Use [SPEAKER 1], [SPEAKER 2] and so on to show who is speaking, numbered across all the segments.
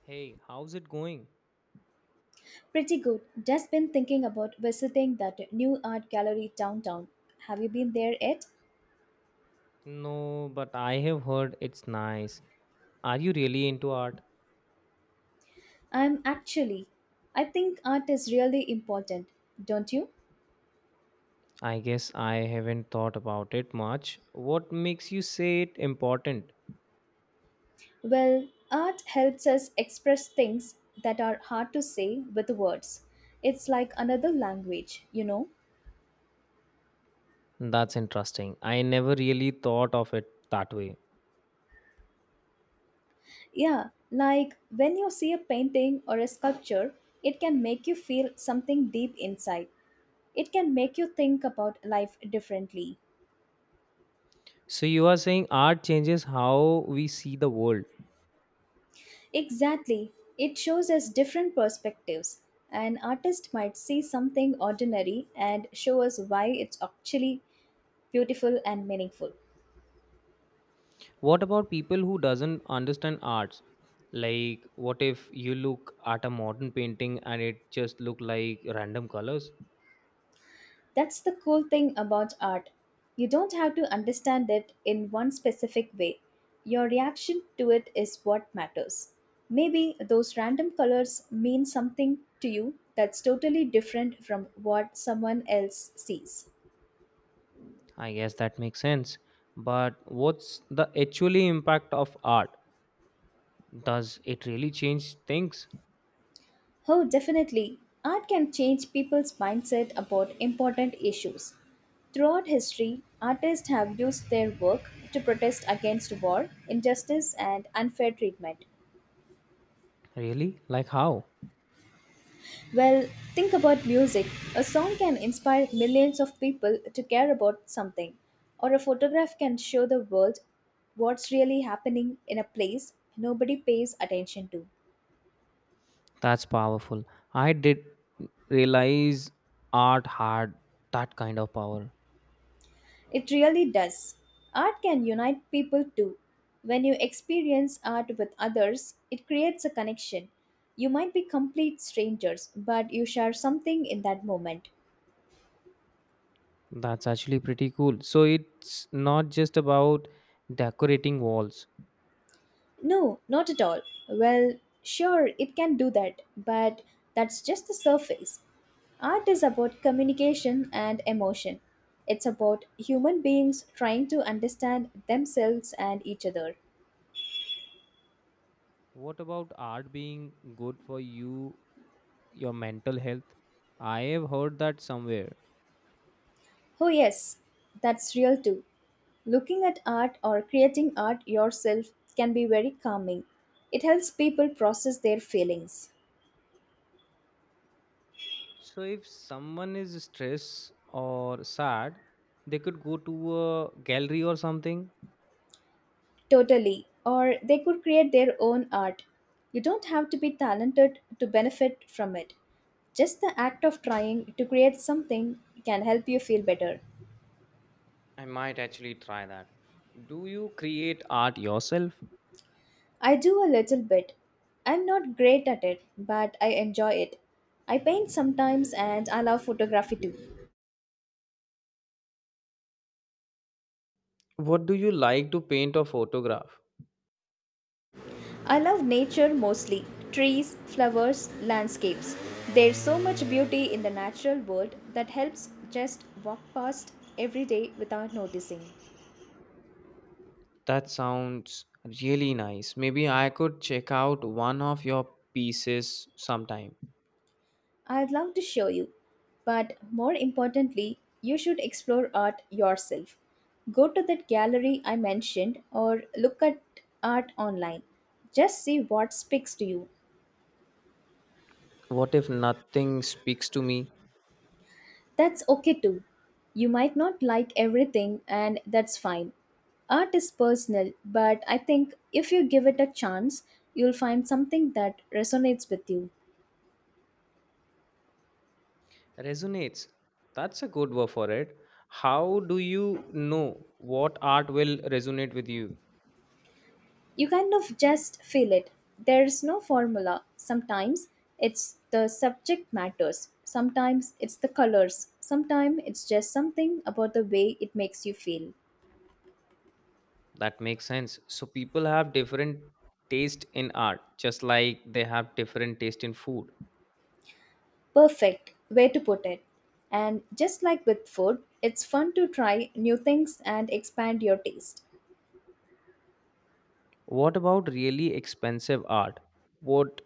[SPEAKER 1] Hey, how's it going?
[SPEAKER 2] Pretty good. Just been thinking about visiting that new art gallery downtown. Have you been there yet?
[SPEAKER 1] No, but I have heard it's nice. Are you really into art?
[SPEAKER 2] I'm actually. I think art is really important, don't you?
[SPEAKER 1] I guess I haven't thought about it much. What makes you say it important?
[SPEAKER 2] Well, art helps us express things that are hard to say with words. It's like another language, you know?
[SPEAKER 1] That's interesting. I never really thought of it that way.
[SPEAKER 2] Yeah, like when you see a painting or a sculpture, it can make you feel something deep inside. It can make you think about life differently.
[SPEAKER 1] So you are saying art changes how we see the world.
[SPEAKER 2] Exactly. It shows us different perspectives. An artist might see something ordinary and show us why it's actually beautiful and meaningful.
[SPEAKER 1] What about people who doesn't understand arts? Like what if you look at a modern painting and it just look like random colors?
[SPEAKER 2] That's the cool thing about art. You don't have to understand it in one specific way. Your reaction to it is what matters. Maybe those random colors mean something to you that's totally different from what someone else sees.
[SPEAKER 1] I guess that makes sense. But what's the actually impact of art? Does it really change things?
[SPEAKER 2] Oh, definitely. Art can change people's mindset about important issues. Throughout history, artists have used their work to protest against war, injustice, and unfair treatment.
[SPEAKER 1] Really? Like how?
[SPEAKER 2] Well, think about music. A song can inspire millions of people to care about something, or a photograph can show the world what's really happening in a place nobody pays attention to.
[SPEAKER 1] That's powerful. I did realize art had that kind of power.
[SPEAKER 2] It really does. Art can unite people too. When you experience art with others, it creates a connection. You might be complete strangers, but you share something in that moment.
[SPEAKER 1] That's actually pretty cool. So it's not just about decorating walls.
[SPEAKER 2] No, not at all. Well, sure, it can do that, but that's just the surface. Art is about communication and emotion. It's about human beings trying to understand themselves and each other.
[SPEAKER 1] What about art being good for you, your mental health? I have heard that somewhere.
[SPEAKER 2] Oh, yes, that's real too. Looking at art or creating art yourself can be very calming. It helps people process their feelings.
[SPEAKER 1] So if someone is stressed or sad, they could go to a gallery or something.
[SPEAKER 2] Totally. Or they could create their own art. You don't have to be talented to benefit from it. Just the act of trying to create something can help you feel better.
[SPEAKER 1] I might actually try that. Do you create art yourself?
[SPEAKER 2] I do a little bit. I'm not great at it, but I enjoy it. I paint sometimes and I love photography too.
[SPEAKER 1] What do you like to paint or photograph?
[SPEAKER 2] I love nature mostly trees, flowers, landscapes. There's so much beauty in the natural world that helps just walk past every day without noticing.
[SPEAKER 1] That sounds really nice. Maybe I could check out one of your pieces sometime.
[SPEAKER 2] I'd love to show you, but more importantly, you should explore art yourself. Go to that gallery I mentioned or look at art online. Just see what speaks to you.
[SPEAKER 1] What if nothing speaks to me?
[SPEAKER 2] That's okay too. You might not like everything, and that's fine. Art is personal, but I think if you give it a chance, you'll find something that resonates with you.
[SPEAKER 1] Resonates. That's a good word for it. How do you know what art will resonate with you?
[SPEAKER 2] You kind of just feel it. There's no formula. Sometimes it's the subject matters, sometimes it's the colors, sometimes it's just something about the way it makes you feel.
[SPEAKER 1] That makes sense. So people have different taste in art, just like they have different taste in food.
[SPEAKER 2] Perfect way to put it. And just like with food, it's fun to try new things and expand your taste.
[SPEAKER 1] What about really expensive art? What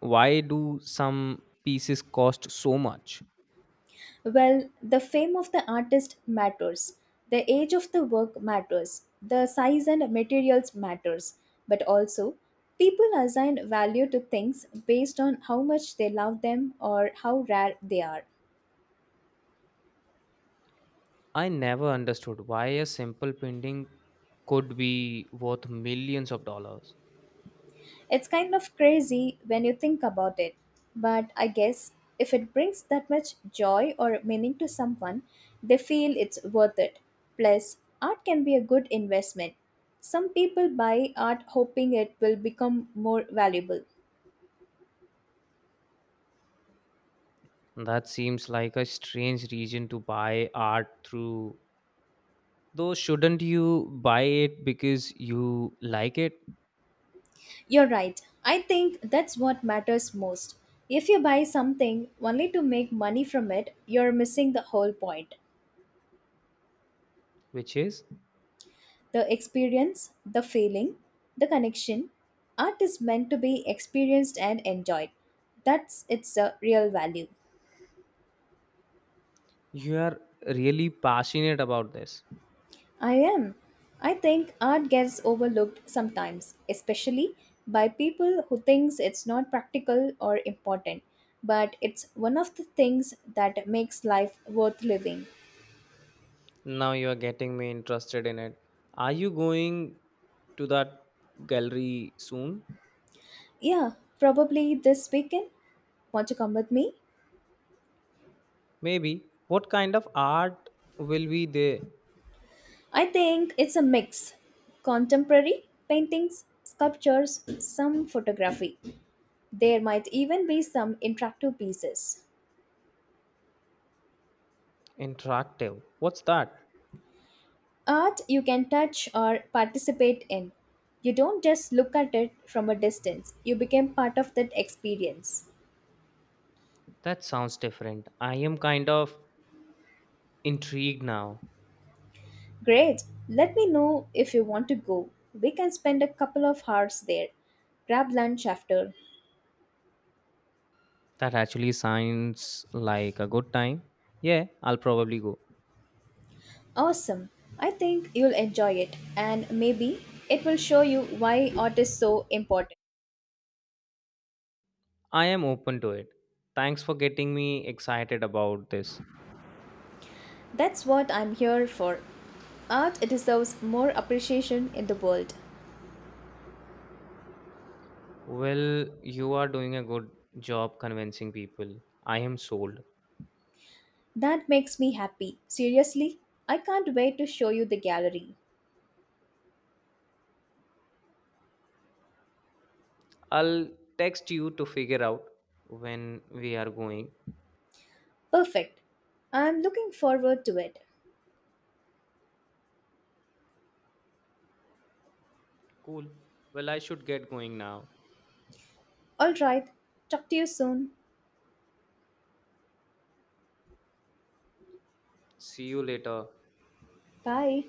[SPEAKER 1] why do some pieces cost so much?
[SPEAKER 2] Well, the fame of the artist matters. The age of the work matters. The size and materials matters. But also, people assign value to things based on how much they love them or how rare they are.
[SPEAKER 1] I never understood why a simple painting could be worth millions of dollars.
[SPEAKER 2] It's kind of crazy when you think about it, but I guess if it brings that much joy or meaning to someone, they feel it's worth it. Plus, art can be a good investment. Some people buy art hoping it will become more valuable.
[SPEAKER 1] That seems like a strange reason to buy art through. Though shouldn't you buy it because you like it,
[SPEAKER 2] You're right. I think that's what matters most. If you buy something only to make money from it, you're missing the whole point.
[SPEAKER 1] which is?
[SPEAKER 2] The experience, the feeling, the connection. Art is meant to be experienced and enjoyed. That's its real value.
[SPEAKER 1] You are really passionate about this.
[SPEAKER 2] I am. I think art gets overlooked sometimes, especially by people who thinks it's not practical or important, but it's one of the things that makes life worth living.
[SPEAKER 1] Now you are getting me interested in it. Are you going to that gallery soon?
[SPEAKER 2] Yeah, probably this weekend. Want to come with me?
[SPEAKER 1] Maybe. What kind of art will be there?
[SPEAKER 2] I think it's a mix contemporary paintings, sculptures, some photography. There might even be some interactive pieces.
[SPEAKER 1] Interactive. What's that?
[SPEAKER 2] Art you can touch or participate in. You don't just look at it from a distance, you become part of that experience.
[SPEAKER 1] That sounds different. I am kind of intrigued now.
[SPEAKER 2] Great! Let me know if you want to go. We can spend a couple of hours there. Grab lunch after.
[SPEAKER 1] That actually sounds like a good time. Yeah, I'll probably go.
[SPEAKER 2] Awesome. I think you'll enjoy it and maybe it will show you why art is so important.
[SPEAKER 1] I am open to it. Thanks for getting me excited about this.
[SPEAKER 2] That's what I'm here for. Art deserves more appreciation in the world.
[SPEAKER 1] Well, you are doing a good job convincing people. I am sold.
[SPEAKER 2] That makes me happy. Seriously, I can't wait to show you the gallery.
[SPEAKER 1] I'll text you to figure out when we are going.
[SPEAKER 2] Perfect. I'm looking forward to it.
[SPEAKER 1] Cool. Well, I should get going now.
[SPEAKER 2] Alright, talk to you soon.
[SPEAKER 1] See you later.
[SPEAKER 2] Bye.